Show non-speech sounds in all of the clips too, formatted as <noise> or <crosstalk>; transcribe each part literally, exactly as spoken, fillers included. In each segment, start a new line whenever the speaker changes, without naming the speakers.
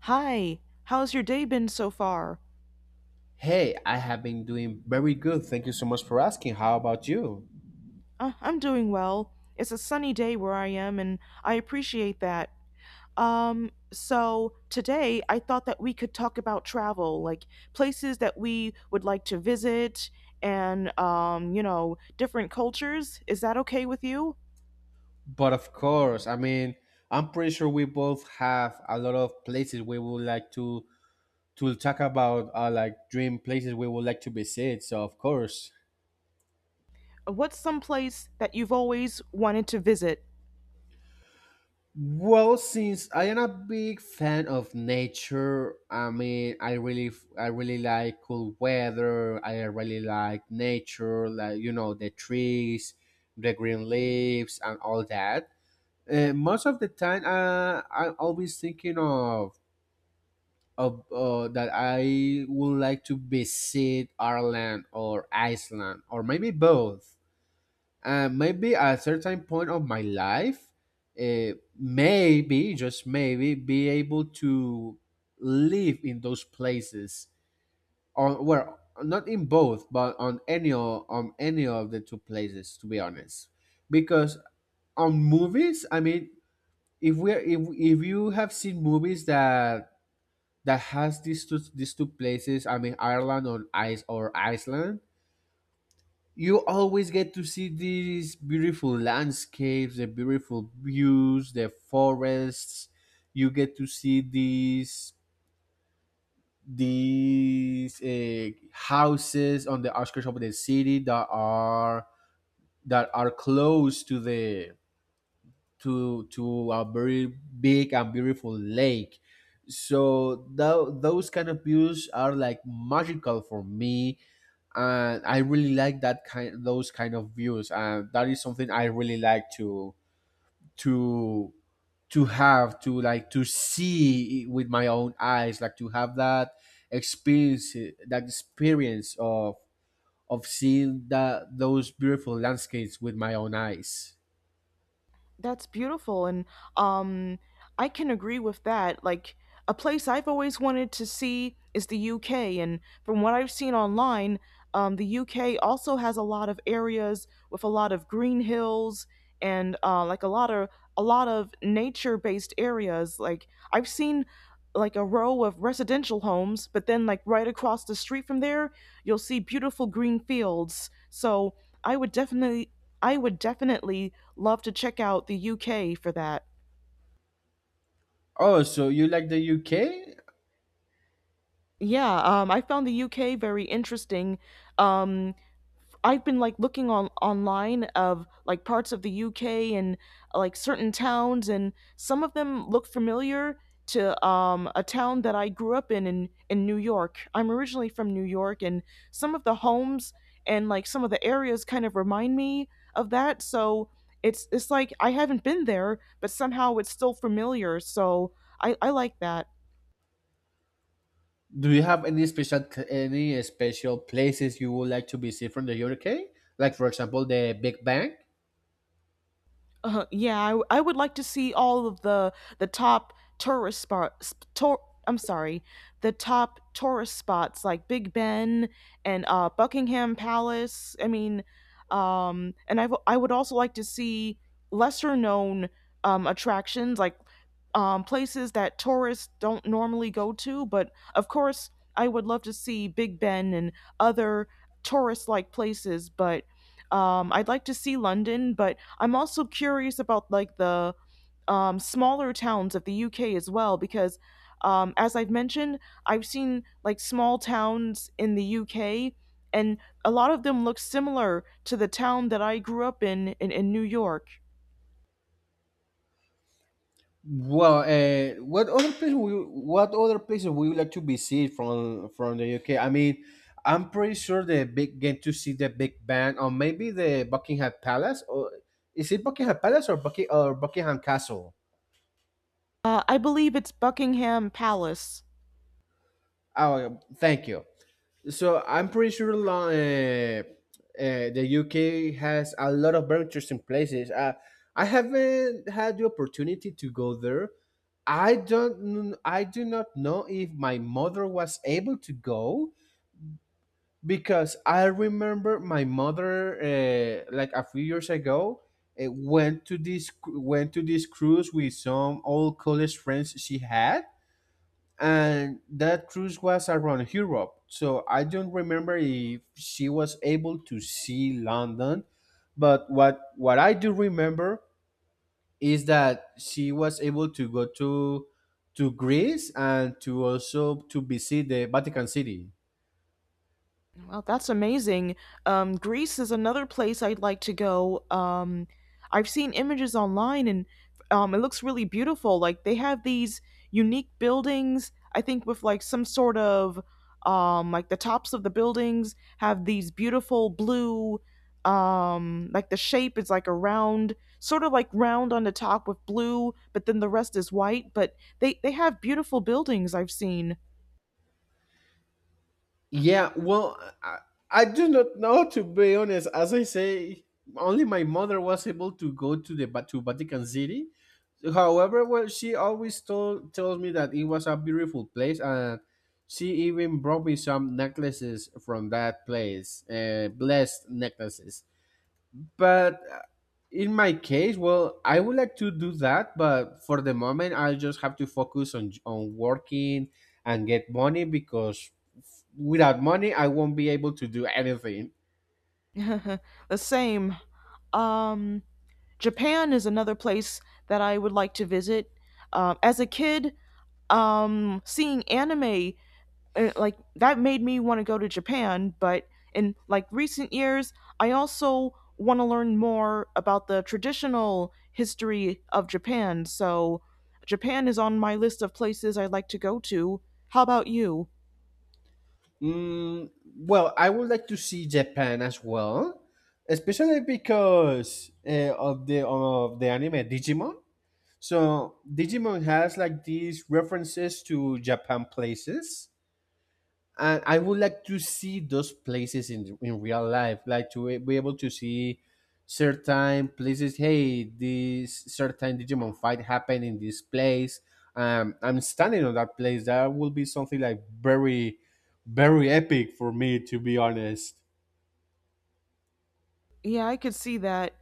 Hi, how's your day been so far?
Hey, I have been doing very good. Thank you so much for asking. How about you?
Uh, I'm doing well. It's a sunny day where I am, and I appreciate that. Um, so today I thought that we could talk about travel, like places that we would like to visit and, um, you know, different cultures. Is that okay with you?
But of course, I mean, I'm pretty sure we both have a lot of places we would like to to talk about, uh, like dream places we would like to visit. So of course.
What's some place that you've always wanted to visit?
Well, since I am a big fan of nature, I mean, I really, I really like cool weather. I really like nature, like you know, the trees, the green leaves, and all that. Uh, most of the time, uh, I'm always thinking of of uh, that I would like to visit Ireland or Iceland or maybe both. Uh, maybe at a certain point of my life, uh, maybe just maybe be able to live in those places, or well, not in both, but on any o- on any of the two places. To be honest, because on movies, I mean, if we if, if you have seen movies that that has these two these two places, I mean Ireland or ice or iceland, you always get to see these beautiful landscapes, the beautiful views, the forests. You get to see these these uh, houses on the outskirts of the city that are that are close to the to to a very big and beautiful lake. So tho- those kind of views are like magical for me, and I really like that kind those kind of views, and that is something I really like to to to have to like to see with my own eyes, like to have that experience that experience of of seeing that those beautiful landscapes with my own eyes.
That's beautiful. And um, I can agree with that. Like, a place I've always wanted to see is the U K. And from what I've seen online, um, the U K also has a lot of areas with a lot of green hills and uh, like a lot of a lot of nature-based areas. Like I've seen like a row of residential homes, but then like right across the street from there, you'll see beautiful green fields. So I would definitely I would definitely love to check out the U K for that.
Oh, so you like the U K?
Yeah, um, I found the U K very interesting. Um, I've been like looking on online of like parts of the U K and like certain towns, and some of them look familiar to um, a town that I grew up in, in in New York. I'm originally from New York, and some of the homes and like some of the areas kind of remind me of that. So it's it's like I haven't been there, but somehow it's still familiar. So I I like that.
Do you have any special any special places you would like to visit from the U K? Like, for example, the Big Bang.
Uh, yeah, I, w- I would like to see all of the the top tourist spots. Tor- I'm sorry, the top tourist spots like Big Ben and uh, Buckingham Palace. I mean, um, and I w- I would also like to see lesser known um, attractions like um, places that tourists don't normally go to. But of course, I would love to see Big Ben and other tourist like places. But um, I'd like to see London, but I'm also curious about like the um, smaller towns of the U K as well because um, as I've mentioned, I've seen like small towns in the U K and a lot of them look similar to the town that I grew up in in, in New York.
Well, uh, what other places we what other places we would like to visit from from the U K? I mean, I'm pretty sure the big get to see the Big Bang, or maybe the Buckingham Palace, or is it Buckingham Palace or Bucking or Buckingham Castle?
Uh, I believe it's Buckingham Palace.
Oh, thank you. So I'm pretty sure lo- uh, uh, the U K has a lot of very interesting places. Uh, I haven't had the opportunity to go there. I don't. Kn- I do not know if my mother was able to go, because I remember my mother, uh, like a few years ago, uh, went to this cru- went to this cruise with some old college friends she had, and that cruise was around Europe. So I don't remember if she was able to see London, but what what I do remember is that she was able to go to to Greece, and to also to visit the Vatican City.
Well, that's amazing. Um, Greece is another place I'd like to go. Um, I've seen images online and um, it looks really beautiful. Like they have these unique buildings, I think with like some sort of um, like the tops of the buildings have these beautiful blue um like the shape is like a round sort of like round on the top with blue, but then the rest is white. But they they have beautiful buildings I've seen.
Yeah, well, I, I do not know, to be honest. As I say, only my mother was able to go to the Va- to Vatican City. However, well, she always told tells me that it was a beautiful place, and she even brought me some necklaces from that place, uh, blessed necklaces. But uh, in my case, well, I would like to do that, but for the moment I just have to focus on on working and get money because, f- without money, I won't be able to do anything.
<laughs> the same um Japan is another place that I would like to visit. Um, as a kid, um, seeing anime uh, like that made me want to go to Japan. But in like recent years, I also want to learn more about the traditional history of Japan. So Japan is on my list of places I'd like to go to. How about you?
mm, well, I would like to see Japan as well, especially because uh, of the of the anime Digimon. So Digimon has like these references to Japan places, and I would like to see those places in in real life, like to be able to see certain places. Hey, this certain Digimon fight happened in this place. Um, I'm standing on that place. That will be something like very, very epic for me, to be honest.
Yeah, I could see that.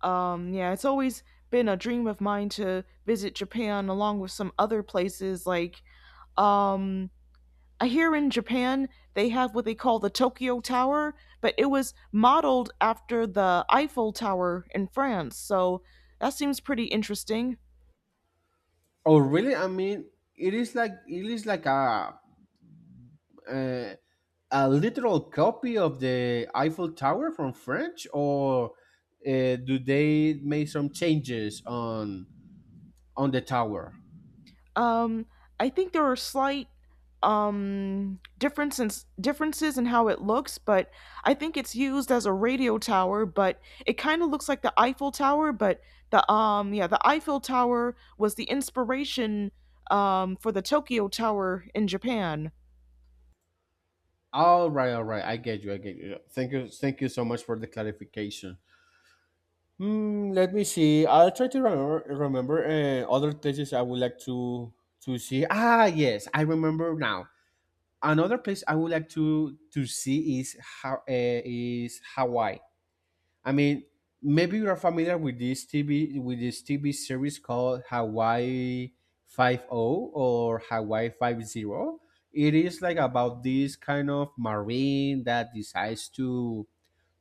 Um, yeah, it's always been a dream of mine to visit Japan along with some other places like Um, here in Japan, they have what they call the Tokyo Tower, but it was modeled after the Eiffel Tower in France. So that seems pretty interesting.
Oh, really? I mean, it is like it is like a uh, a literal copy of the Eiffel Tower from French? Or uh, do they make some changes on on the tower?
Um, I think there are slight um, differences differences in how it looks, but I think it's used as a radio tower. But it kind of looks like the Eiffel Tower, but the um yeah, the Eiffel Tower was the inspiration um, for the Tokyo Tower in Japan.
All right, all right, I get you, I get you. Thank you, thank you so much for the clarification. Hmm, let me see. I'll try to remember, remember uh, other places I would like to to see. Ah, yes, I remember now. Another place I would like to to see is how uh, is Hawaii. I mean, maybe you are familiar with this T V with this T V series called Hawaii Five O, or Hawaii five oh. It is like about this kind of marine that decides to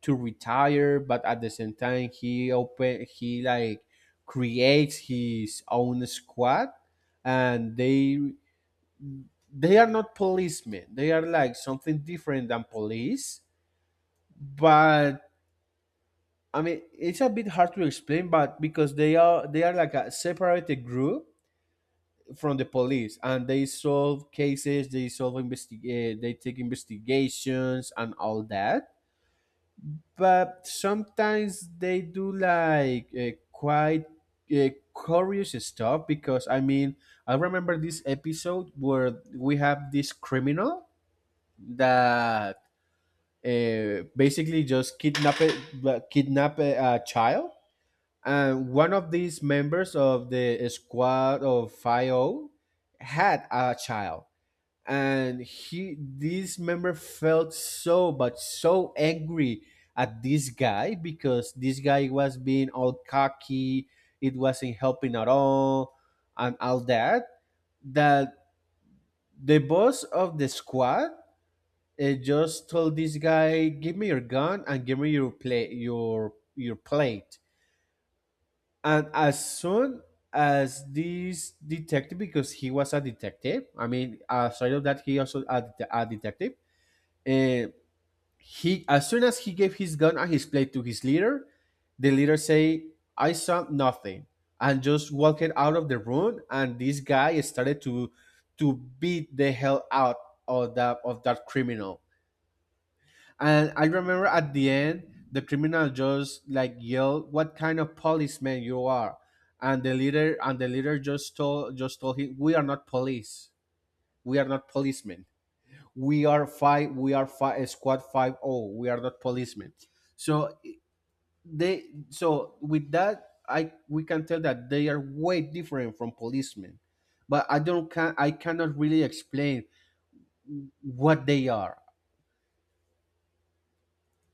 to retire, but at the same time he open he like creates his own squad, and they they are not policemen. They are like something different than police. But I mean, it's a bit hard to explain, but because they are they are like a separated group from the police, and they solve cases, they solve, investigate, they take investigations and all that. But sometimes they do like uh, quite uh, curious stuff, because I mean, I remember this episode where we have this criminal that, uh, basically just kidnapped eh, kidnapped a, a child, and one of these members of the squad of fifty had a child, and he this member felt so, but so angry at this guy, because this guy was being all cocky, it wasn't helping at all, and all that, that the boss of the squad uh, just told this guy, "Give me your gun and give me your play your your plate." And as soon as this detective, because he was a detective, I mean, aside of that, he also a, det- a detective. And he, as soon as he gave his gun and his plate to his leader, the leader say, "I saw nothing," and just walked out of the room. And this guy started to to beat the hell out of that of that criminal. And I remember at the end, the criminal just like yelled, "What kind of policeman you are?" And the leader and the leader just told just told him, "We are not police. We are not policemen. We are five. We are five eh, squad five zero. We are not policemen." So they so with that, I we can tell that they are way different from policemen, but I don't can I cannot really explain what they are.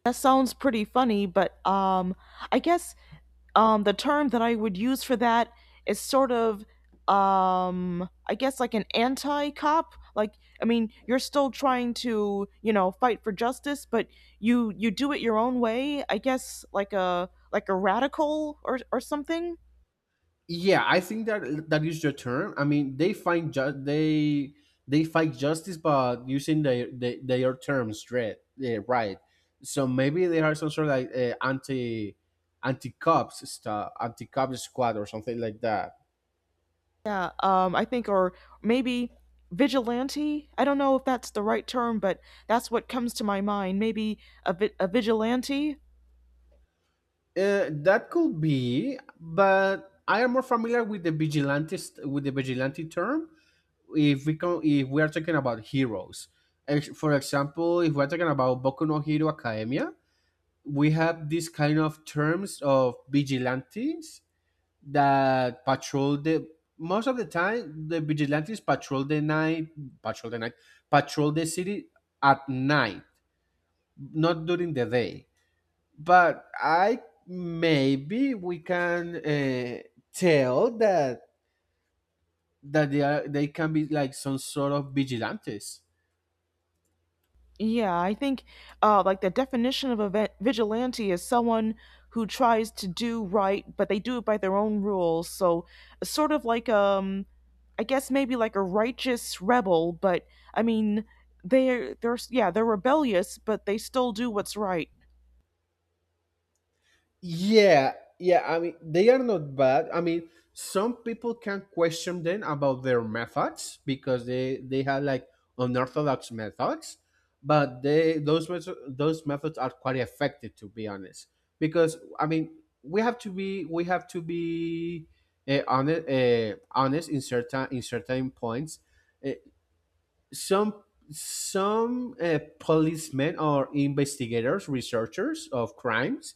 That sounds pretty funny, but um, I guess um, the term that I would use for that is sort of, um, I guess, like an anti cop. Like, I mean, you're still trying to, you know, fight for justice, but you you do it your own way. I guess, like a like a radical or or something.
Yeah, I think that that is the term. I mean, they find ju- they they fight justice, but using their their, their terms, right? Yeah, right. So maybe they are some sort of like uh, anti anti cops stuff, anti cops squad, or something like that.
Yeah, um, I think, or maybe vigilante. I don't know if that's the right term, but that's what comes to my mind. Maybe a vi- a vigilante.
Uh, that could be, but I am more familiar with the vigilante st- with the vigilante term. If we can, if we are talking about heroes, Ex- for example, if we are talking about Boku no Hero Academia, we have this kind of terms of vigilantes that patrol the, most of the time the vigilantes patrol the night patrol the night patrol the city at night, not during the day. But i maybe we can uh, tell that that they are they can be like some sort of vigilantes.
Yeah, I think uh, like the definition of a vi- vigilante is someone who tries to do right, but they do it by their own rules. So sort of like um, I guess maybe like a righteous rebel, but I mean they're they're yeah, they're rebellious, but they still do what's right.
Yeah, yeah. I mean, they are not bad. I mean, some people can question them about their methods, because they they have like unorthodox methods, but they those methods those methods are quite effective, to be honest. Because I mean, we have to be we have to be uh, honest, uh, honest in certain in certain points. Uh, some some uh, policemen or investigators, researchers of crimes,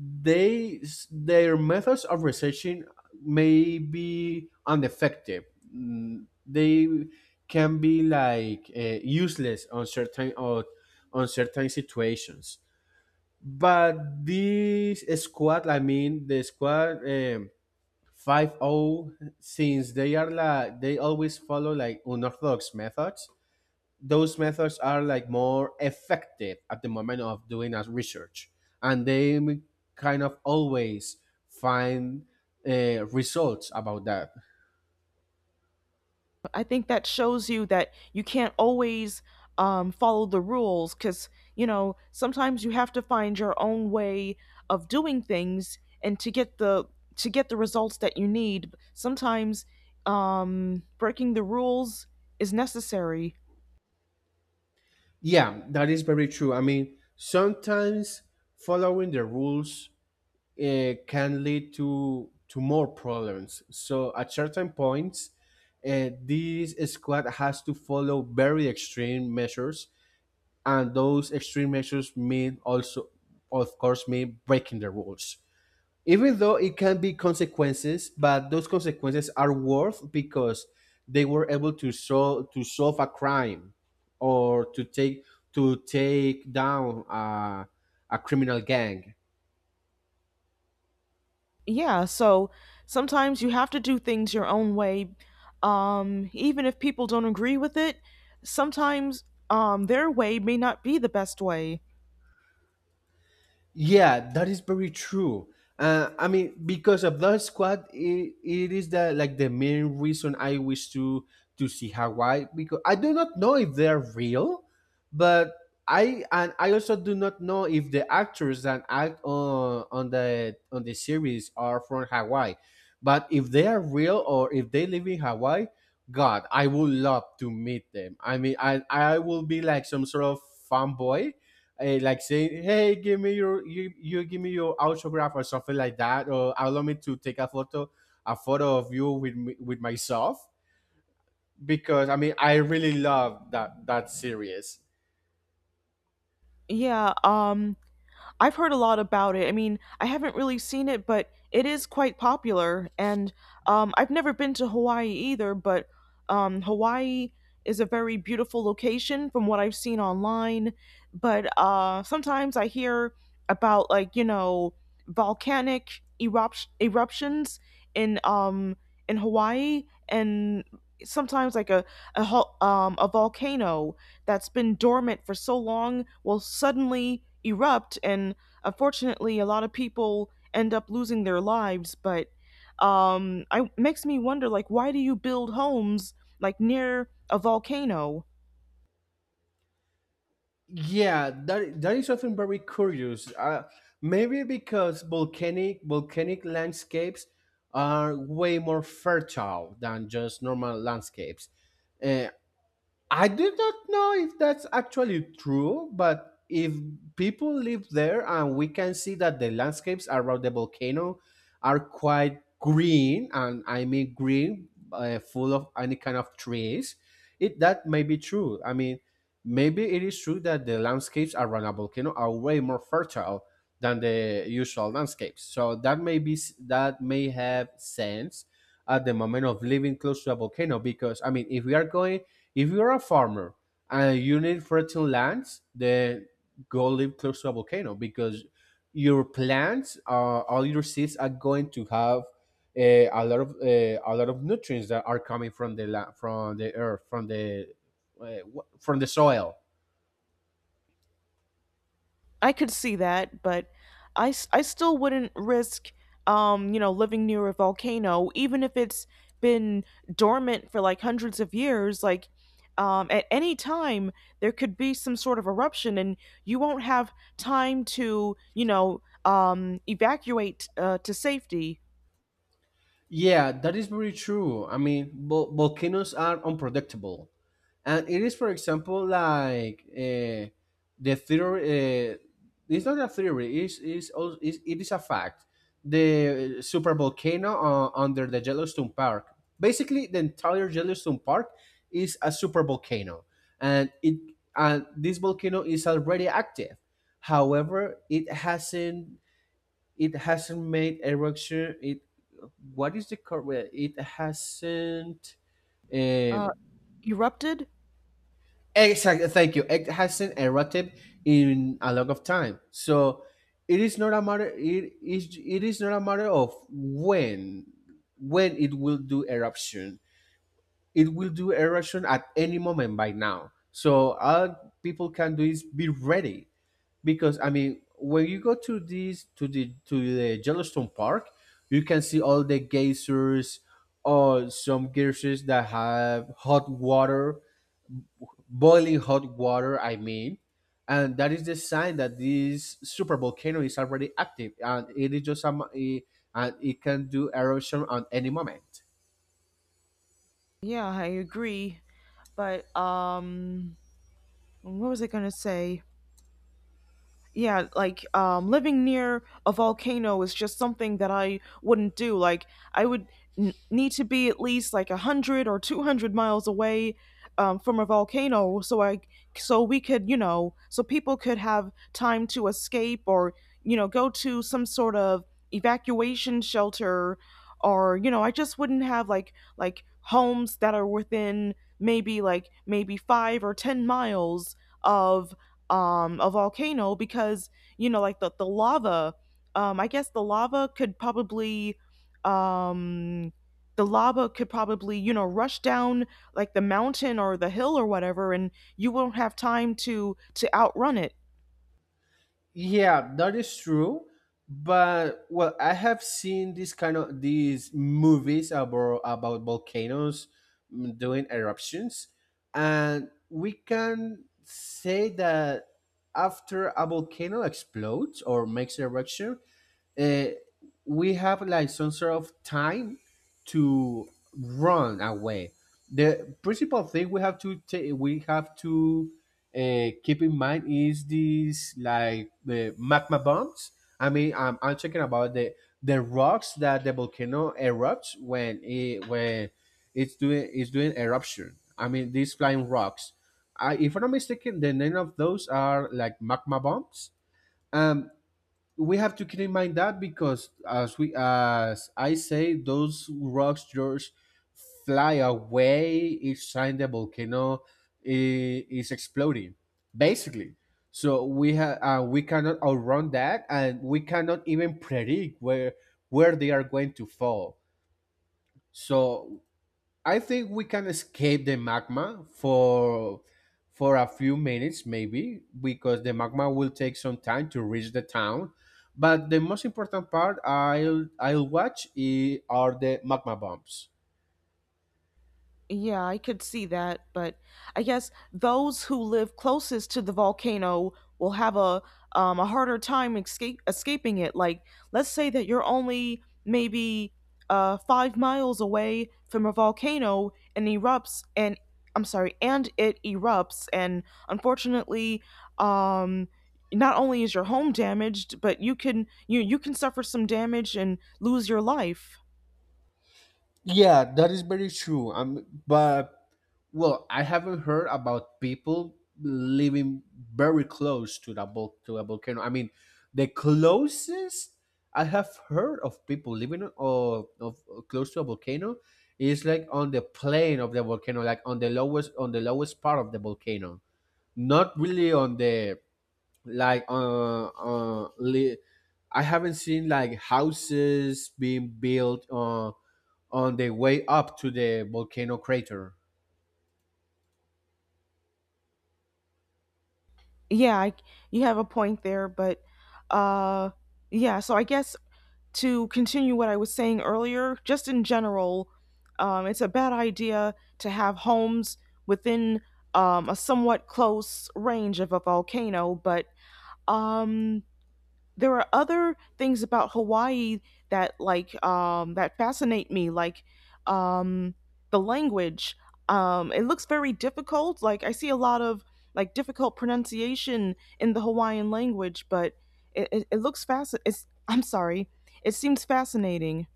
they, their methods of researching may be ineffective. Mm, They can be like uh, useless on certain or on certain situations. But this squad, I mean, the squad, um, five zero, since they are like they always follow like unorthodox methods, those methods are like more effective at the moment of doing as research, and they kind of always find uh, results about that.
I think that shows you that you can't always um, follow the rules because, you know, sometimes you have to find your own way of doing things and to get the to get the results that you need. Sometimes um, breaking the rules is necessary.
Yeah, that is very true. I mean, sometimes following the rules, uh, can lead to to more problems. So at certain points, uh, this squad has to follow very extreme measures, and those extreme measures mean, also of course mean, breaking the rules. Even though it can be consequences, but those consequences are worth, because they were able to solve to solve a crime, or to take to take down a, a criminal gang.
Yeah, so sometimes you have to do things your own way. Um, even if people don't agree with it, sometimes um, their way may not be the best way.
Yeah, that is very true. Uh, I mean, because of that squad, it, it is the like the main reason I wish to to see Hawaii, because I do not know if they're real. But I and I also do not know if the actors that act on on the on the series are from Hawaii. But if they are real, or if they live in Hawaii, God, I would love to meet them. I mean, I I will be like some sort of fanboy eh, like saying, "Hey, give me your you, you give me your autograph or something like that," or allow me to take a photo, a photo of you with me, with myself because I mean I really love that that series.
Yeah, um, I've heard a lot about it. I mean, I haven't really seen it, but it is quite popular. And um, I've never been to Hawaii either, but um, Hawaii is a very beautiful location from what I've seen online. But uh, sometimes I hear about, like, you know, volcanic erupt- eruptions in um, in Hawaii, and sometimes like a a, hol- um, a volcano that's been dormant for so long will suddenly erupt, and unfortunately a lot of people end up losing their lives. But um I, makes me wonder, like, why do you build homes like near a volcano?
Yeah, that that is something very curious. Uh, maybe because volcanic volcanic landscapes are way more fertile than just normal landscapes. Uh, I do not know if that's actually true, but if people live there and we can see that the landscapes around the volcano are quite green, and I mean green, uh, full of any kind of trees, it that may be true. I mean, maybe it is true that the landscapes around a volcano are way more fertile than the usual landscapes. So that may be s- that may have sense at the moment of living close to a volcano because I mean, if we are going if you're a farmer and you need fertile lands, then go live close to a volcano because your plants, uh, all your seeds are going to have uh, a lot of uh, a lot of nutrients that are coming from the la- from the earth, from the uh, wh- from the soil.
I could see that, but I, s- I still wouldn't risk, um, you know, living near a volcano, even if it's been dormant for like hundreds of years. Like, um, at any time, there could be some sort of eruption, and you won't have time to, you know, um, evacuate uh, to safety.
Yeah, that is very true. I mean, vol- volcanoes are unpredictable, and it is, for example, like uh, the theory. Uh, it's not a theory. It's, it's, al- it's it is a fact. The super volcano uh, under the Yellowstone Park. Basically, the entire Yellowstone Park is a super volcano, and it and this volcano is already active. However, it hasn't it hasn't made eruption it what is the correct it hasn't uh,
Uh, erupted?
exactly thank you it hasn't erupted in a lot of time so it is not a matter it is it is not a matter of when when it will do eruption it will do eruption at any moment by now so all people can do is be ready because I mean, when you go to these to the to the Yellowstone Park, you can see all the geysers or some geysers that have hot water, boiling hot water. I mean, and that is the sign that this super volcano is already active, and it is just some, and it can do eruption at any moment.
Yeah, I agree. But, um, what was I going to say? Yeah, like um living near a volcano is just something that I wouldn't do. Like, I would n- need to be at least like a 100 or two hundred miles away um, from a volcano, so I so we could, you know, so people could have time to escape or, you know, go to some sort of evacuation shelter. Or you know, I just wouldn't have like like homes that are within maybe like maybe five or ten miles of um, a volcano because, you know, like the, the lava, um, I guess the lava could probably um, the lava could probably you know, rush down like the mountain or the hill or whatever, and you won't have time to to outrun it.
Yeah, that is true. But well, I have seen this kind of these movies about about volcanoes mm, doing eruptions, and we can say that after a volcano explodes or makes eruption, uh, we have like some sort of time to run away. The principal thing we have to take, we have to uh, keep in mind is these like the magma bombs. I mean, I'm, I'm talking about the the rocks that the volcano erupts when it when it's doing it's doing eruption. I mean, these flying rocks. I, if I'm not mistaken, the name of those are like magma bombs. Um, we have to keep in mind that because as we as I say, those rocks just fly away each time the volcano is, is exploding, basically. So we have uh, we cannot outrun that, and we cannot even predict where where they are going to fall. So I think we can escape the magma for for a few minutes maybe because the magma will take some time to reach the town. But the most important part I'll I'll watch i- are the magma bombs.
Yeah, I could see that, but I guess those who live closest to the volcano will have a um, a harder time escape escaping it. Like, let's say that you're only maybe uh, five miles away from a volcano and erupts, and I'm sorry, and it erupts, and unfortunately, um, not only is your home damaged, but you can you you can suffer some damage and lose your life.
Yeah, that is very true. Um, but well, I haven't heard about people living very close to the vul- to a volcano. I mean, the closest I have heard of people living or of close to a volcano is like on the plane of the volcano, like on the lowest on the lowest part of the volcano, not really on the like uh uh li- I haven't seen like houses being built uh, on the way up to the volcano crater.
Yeah, I, you have a point there, but uh yeah, so I guess to continue what I was saying earlier, just in general, um, it's a bad idea to have homes within um, a somewhat close range of a volcano. But um there are other things about Hawaii that like um that fascinate me, like um the language. Um it looks very difficult. Like, I see a lot of like difficult pronunciation in the Hawaiian language, but it, it, it looks fasc. It's I'm sorry it seems fascinating.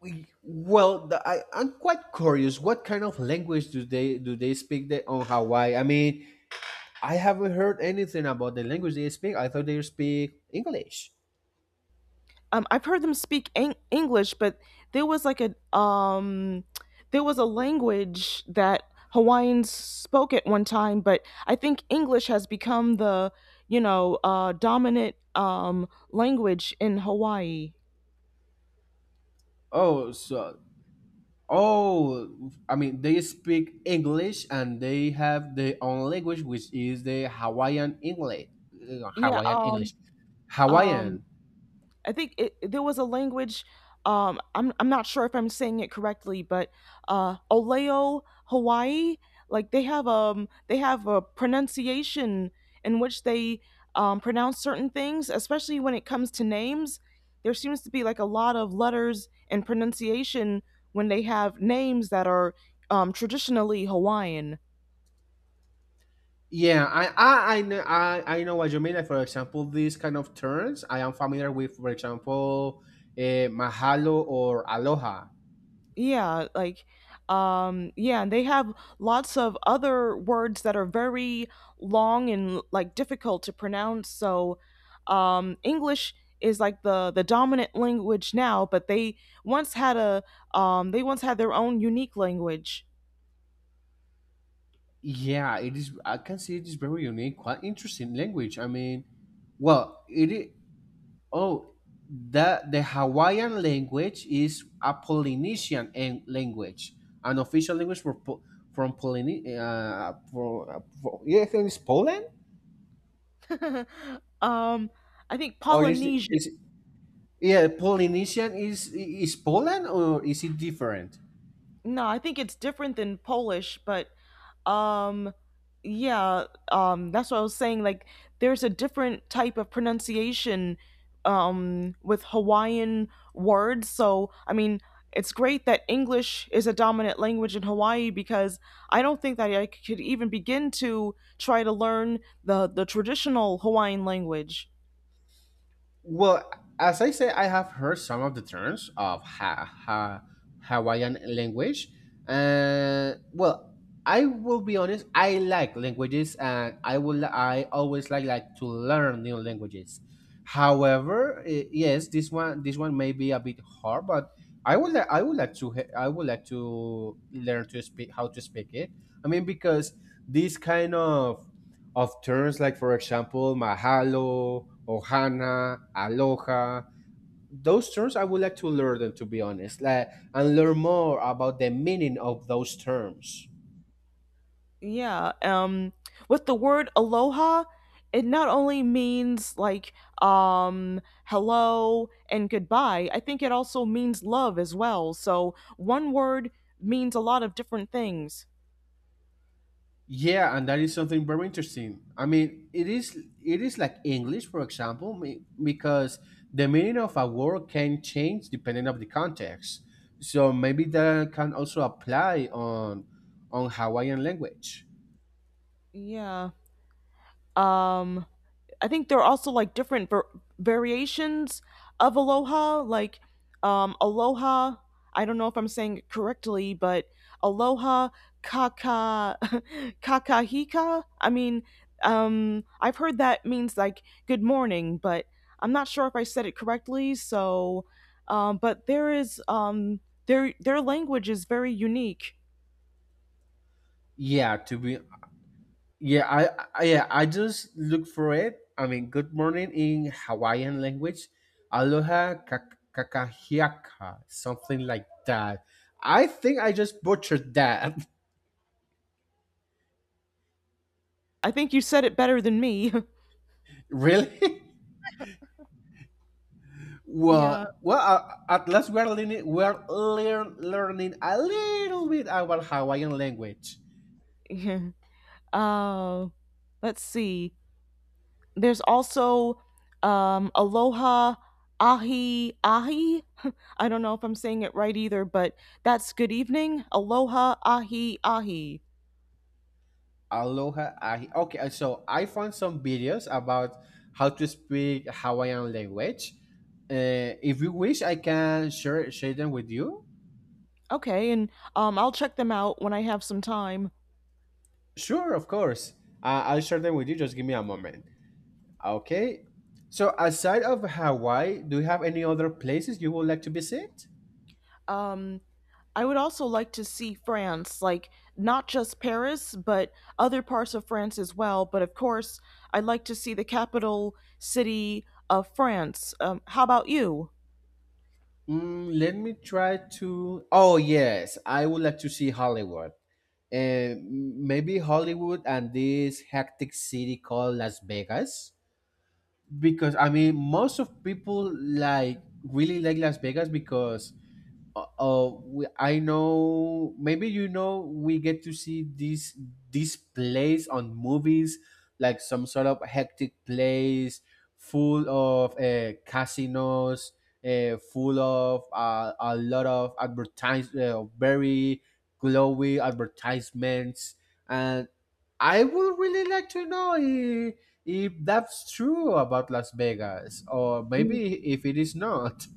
We- well, the, I, I'm quite curious what kind of language do they do they speak there on Hawaii? I mean, I haven't heard anything about the language they speak. I thought they speak English.
um I've heard them speak Eng- English, but there was like a um there was a language that Hawaiians spoke at one time, but I think English has become the, you know, uh, dominant um language in Hawaii.
oh so Oh, I mean, they speak English and they have their own language, which is the Hawaiian English. uh,
Yeah.
Hawaiian
Um.
English.
Um.
Hawaiian.
I think it, there was a language. Um, I'm I'm not sure if I'm saying it correctly, but uh, Oleo Hawaii, like they have um they have a pronunciation in which they um, pronounce certain things, especially when it comes to names. There seems to be like a lot of letters and pronunciation when they have names that are um, traditionally Hawaiian.
Yeah, I, I, I, know, I, I know what you mean. Like, for example, these kind of terms I am familiar with, for example, eh, mahalo or aloha.
Yeah, like um yeah, and they have lots of other words that are very long and like difficult to pronounce. So um English is like the the dominant language now, but they once had a um they once had their own unique language.
Yeah, it is. I can see it is very unique, quite interesting language. I mean, well, it. i- Oh, that the Hawaiian language is a Polynesian en- language, an official language for po- from Polynesia. Uh, for, uh, for, yeah, I think it's Poland
<laughs> um I think
or is it-
Polynesian.
is it- Yeah, Polynesian is is Poland or is it different?
No, I think it's different than Polish, but um yeah, um that's what I was saying. Like, there's a different type of pronunciation um with Hawaiian words. So, I mean, it's great that English is a dominant language in Hawaii because I don't think that I could even begin to try to learn the the traditional Hawaiian language.
Well, as I say, I have heard some of the terms of ha- ha- Hawaiian language. Uh, well, I will be honest. I like languages, and I will. I always like like to learn new languages. However, eh, yes, this one this one may be a bit hard, but I would li- I would like to he- I would like to learn to speak how to speak it. I mean, because this kind of of terms like for example mahalo, ohana, aloha, those terms I would like to learn them, to be honest, like and learn more about the meaning of those terms.
Yeah. Um with the word aloha, it not only means like um hello and goodbye, I think it also means love as well. So one word means a lot of different things.
Yeah, and that is something very interesting. I mean, it is it is like English, for example, me- because the meaning of a word can change depending on the context, so maybe that can also apply on on Hawaiian language.
Yeah. Um I think there are also like different ver- variations of aloha, like um, aloha. I don't know if I'm saying it correctly, but aloha kaka <laughs> kakahika. I mean, um, I've heard that means like good morning, but I'm not sure if I said it correctly. So, um, but there is um, their their language is very unique.
Yeah to be Yeah, I, I yeah, I just look for it. I mean, good morning in Hawaiian language, aloha kak- kakahiaka, something like that. I think I just butchered that.
I think you said it better than me.
<laughs> Really? <laughs>
<laughs> Yeah.
Well, well, uh, at least we're learning, we're lear- learning a little bit about Hawaiian language.
<laughs> Uh, let's see. There's also um, aloha ahi ahi. <laughs> I don't know if I'm saying it right either, but that's good evening. Aloha ahi ahi.
Aloha Ahi. Okay, uh, so I found some videos about how to speak Hawaiian language. Uh, if you wish, I can share share them with you.
Okay, and um, I'll check them out when I have some time.
Sure, of course. Uh, I'll share them with you. Just give me a moment. Okay. So aside of Hawaii, do you have any other places you would like to visit?
Um, I would also like to see France, like not just Paris, but other parts of France as well. But of course, I'd like to see the capital city of France. Um, how about you?
Mm, let me try to. Oh yes, I would like to see Hollywood, and maybe Hollywood and this hectic city called Las Vegas. Because I mean most of people like really like Las Vegas because uh, uh, we, I know maybe you know we get to see these these plays on movies, like some sort of hectic place full of uh, casinos, uh, full of uh, a lot of advertise, uh, very glowy advertisements, and I would really like to know if, if that's true about Las Vegas or maybe if it is not.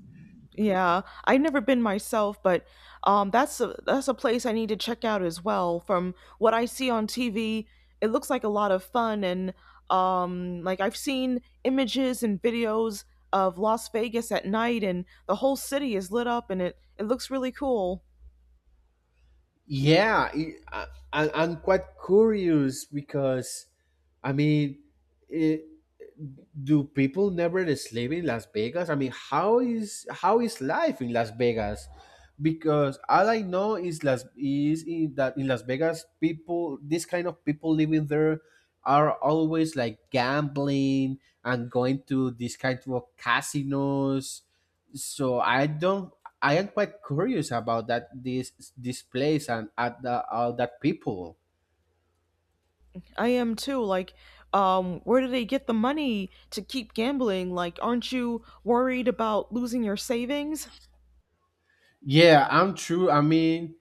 Yeah, I've never been myself, but um, that's a that's a place I need to check out as well. From what I see on T V, it looks like a lot of fun, and um, like I've seen images and videos of Las Vegas at night, and the whole city is lit up, and it it looks really cool.
Yeah, it, I, I, I'm quite curious because, I mean, it, do people never sleep in Las Vegas? I mean, how is how is life in Las Vegas? Because all I know is Las is in, that in Las Vegas, people this kind of people living there are always like gambling and going to these kind of casinos, so I don't. I am quite curious about that this this place and at the all that people.
I am too. Like, um, where do they get the money to keep gambling? Like, aren't you worried about losing your savings?
Yeah, I'm true. I mean,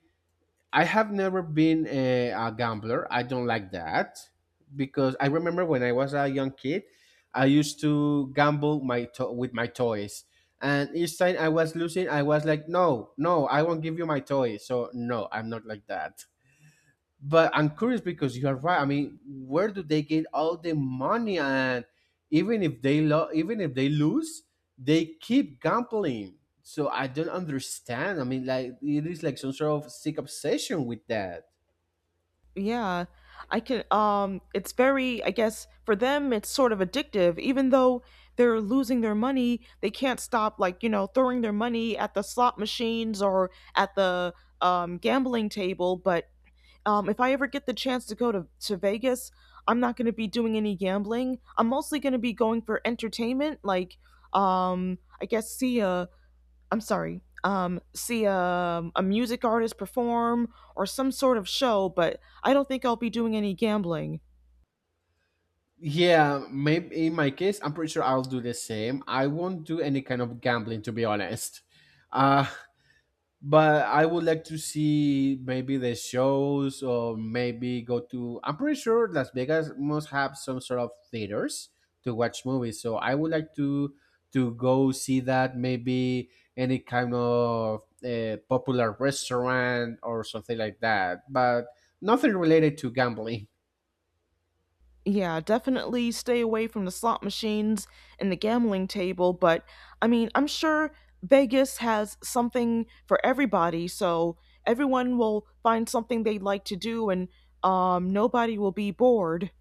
I have never been a, a gambler. I don't like that because I remember when I was a young kid, I used to gamble my to- with my toys, and each time I was losing, I was like, "No, no, I won't give you my toy." So no, I'm not like that. But I'm curious because you are right. I mean, where do they get all the money? And even if they lo- even if they lose, they keep gambling. So I don't understand. I mean, like it is like some sort of sick obsession with that.
Yeah, I can. Um, it's very, I guess, for them, it's sort of addictive. Even though they're losing their money, they can't stop, like, you know, throwing their money at the slot machines or at the um, gambling table. But um, if I ever get the chance to go to, to Vegas, I'm not going to be doing any gambling. I'm mostly going to be going for entertainment, like, um, I guess, see a I'm sorry, um, see a, a music artist perform or some sort of show, but I don't think I'll be doing any gambling.
Yeah, maybe in my case, I'm pretty sure I'll do the same. I won't do any kind of gambling, to be honest. Uh, but I would like to see maybe the shows or maybe go to. I'm pretty sure Las Vegas must have some sort of theaters to watch movies. So I would like to to go see that. Maybe any kind of uh, popular restaurant or something like that. But nothing related to gambling.
Yeah, definitely stay away from the slot machines and the gambling table, but I mean, I'm sure Vegas has something for everybody, so everyone will find something they'd like to do and um, nobody will be bored.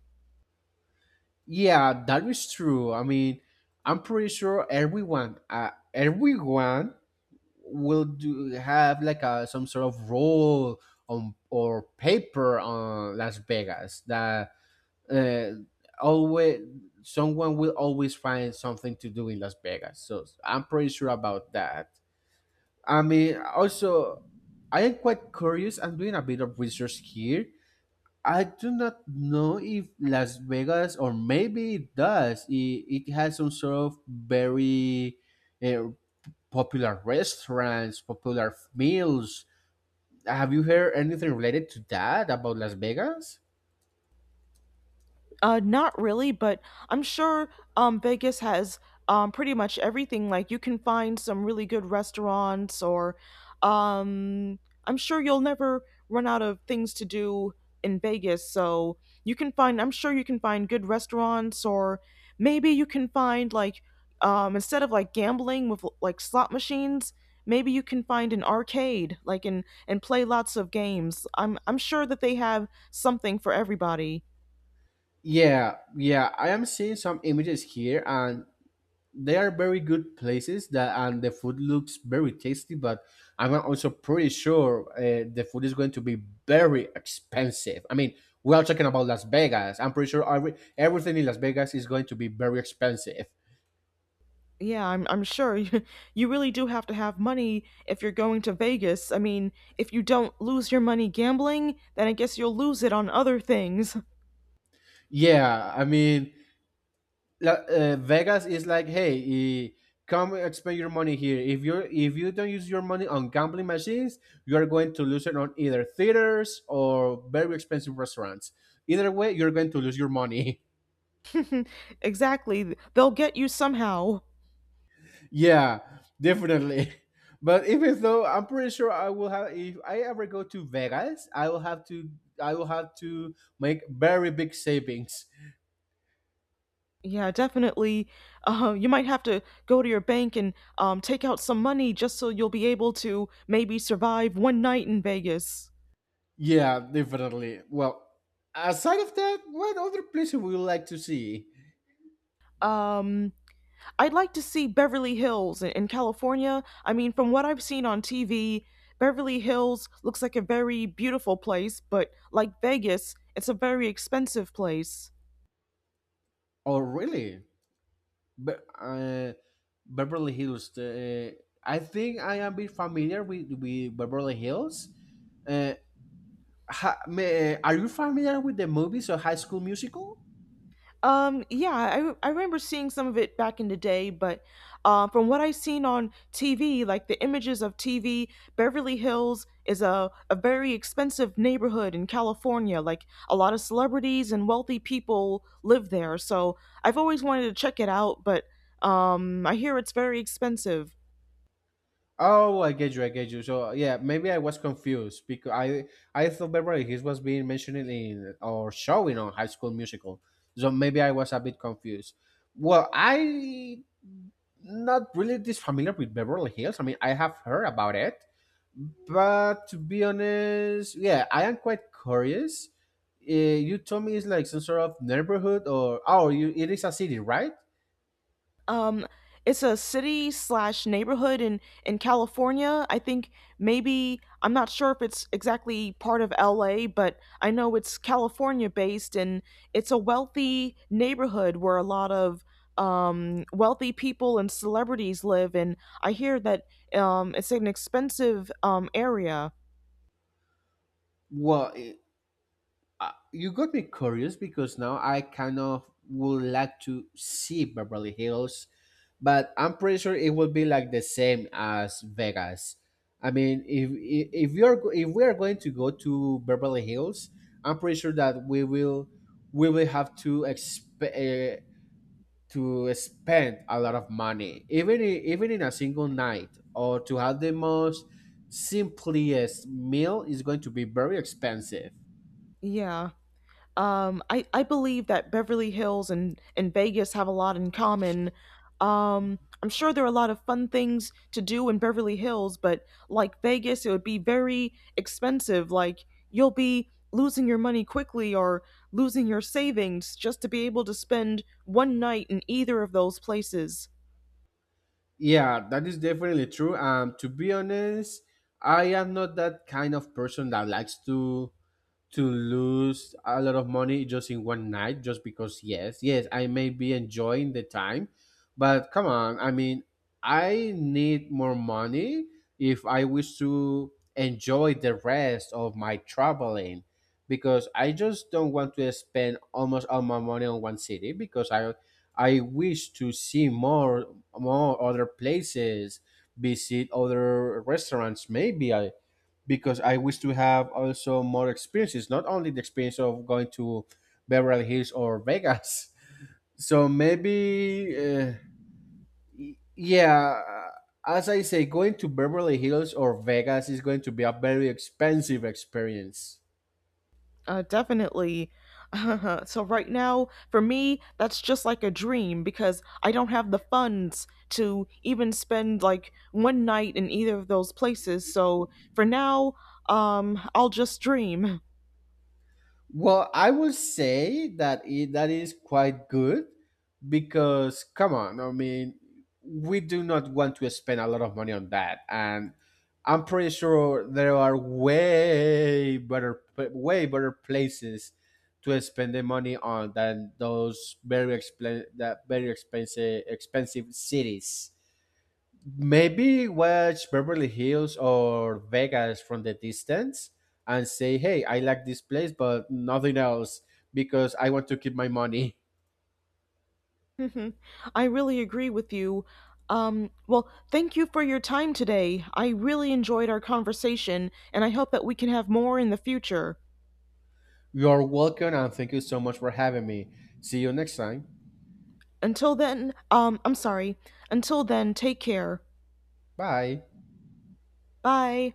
Yeah, that is true. I mean, I'm pretty sure everyone, uh, everyone will do have like a some sort of role on or paper on Las Vegas that uh, always someone will always find something to do in Las Vegas. So I'm pretty sure about that. I mean, also I am quite curious. I'm doing a bit of research here. I do not know if Las Vegas, or maybe it does, it, it has some sort of very uh, popular restaurants, popular meals. Have you heard anything related to that about Las Vegas?
Uh, not really, but I'm sure um, Vegas has um, pretty much everything. Like you can find some really good restaurants, or um, I'm sure you'll never run out of things to do in Vegas. So you can find, I'm sure you can find good restaurants, or maybe you can find like um, instead of like gambling with like slot machines, maybe you can find an arcade, like and and play lots of games. I'm I'm sure that they have something for everybody.
Yeah, yeah, I am seeing some images here, and they are very good places. That and the food looks very tasty, but I'm also pretty sure uh, the food is going to be very expensive. I mean, we are talking about Las Vegas. I'm pretty sure every, everything in Las Vegas is going to be very expensive.
Yeah, I'm I'm sure <laughs> you really do have to have money if you're going to Vegas. I mean, if you don't lose your money gambling, then I guess you'll lose it on other things.
Yeah, I mean, La- uh, Vegas is like, hey, eh, come spend your money here. If you if you don't use your money on gambling machines, you are going to lose it on either theaters or very expensive restaurants. Either way, you're going to lose your money.
<laughs> Exactly. They'll get you somehow.
<laughs> Yeah, definitely. <laughs> But even though I'm pretty sure I will have, if I ever go to Vegas, I will have to, I will have to make very big savings.
Yeah, definitely. Uh, you might have to go to your bank and um, take out some money just so you'll be able to maybe survive one night in Vegas.
Yeah, definitely. Well, aside of that, what other places would you like to see?
Um, I'd like to see Beverly Hills in, in California. I mean, from what I've seen on T V, Beverly Hills looks like a very beautiful place, but like Vegas, it's a very expensive place.
Oh, really? Be- uh, Beverly Hills. Uh, I think I am bit familiar with, with Beverly Hills. Uh, ha- may, are you familiar with the movies of High School Musical?
Um, yeah, I, I remember seeing some of it back in the day, but uh, from what I've seen on T V, like the images of T V, Beverly Hills is a, a very expensive neighborhood in California. Like a lot of celebrities and wealthy people live there. So I've always wanted to check it out, but um, I hear it's very expensive.
Oh, I get you. I get you. So yeah, maybe I was confused because I I thought Beverly Hills was being mentioned in or showing on High School Musical. So maybe I was a bit confused. Well, I not really this familiar with Beverly Hills. I mean, I have heard about it, but to be honest, yeah, I am quite curious. Eh, you told me it's like some sort of neighborhood or oh, you it is a city, right?
Um, it's a city slash neighborhood in in California. I think maybe I'm not sure if it's exactly part of L A, but I know it's California based, and it's a wealthy neighborhood where a lot of um, wealthy people and celebrities live. And I hear that um, it's an expensive um, area.
Well, eh, uh, you got me curious because now I kind of would like to see Beverly Hills, but I'm pretty sure it will be like the same as Vegas. I mean, if if if you're go- if we are going to go to Beverly Hills, I'm pretty sure that we will we will have to exp- uh, to spend a lot of money, even i- even in a single night, or to have the most simplest meal is going to be very expensive.
Yeah. Um, I, I believe that Beverly Hills and, and Vegas have a lot in common. Um, I'm sure there are a lot of fun things to do in Beverly Hills, but like Vegas, it would be very expensive. Like, you'll be losing your money quickly or losing your savings just to be able to spend one night in either of those places.
Yeah, that is definitely true. Um, to be honest, I am not that kind of person that likes to to lose a lot of money just in one night just because yes yes I may be enjoying the time but come on I mean I need more money if I wish to enjoy the rest of my traveling because I just don't want to spend almost all my money on one city because i I wish to see more more other places visit other restaurants maybe I because I wish to have also more experiences, not only the experience of going to Beverly Hills or Vegas. <laughs> So maybe, uh, y- yeah, as I say, going to Beverly Hills or Vegas is going to be a very expensive experience.
Uh, definitely. <laughs> So right now, for me, that's just like a dream because I don't have the funds to even spend like one night in either of those places. So for now, um, I'll just dream.
Well, I will say that it, that is quite good because come on, I mean, we do not want to spend a lot of money on that, and I'm pretty sure there are way better way better places to spend the money on than those very expen- that very expensive expensive cities. Maybe watch Beverly Hills or Vegas from the distance and say, hey, I like this place, but nothing else because I want to keep my money.
<laughs> I really agree with you. Um, well, thank you for your time today. I really enjoyed our conversation, and I hope that we can have more in the future.
<laughs> You're welcome, and thank you so much for having me. See you next time.
Until then, um, I'm sorry. Until then, take care.
Bye.
Bye.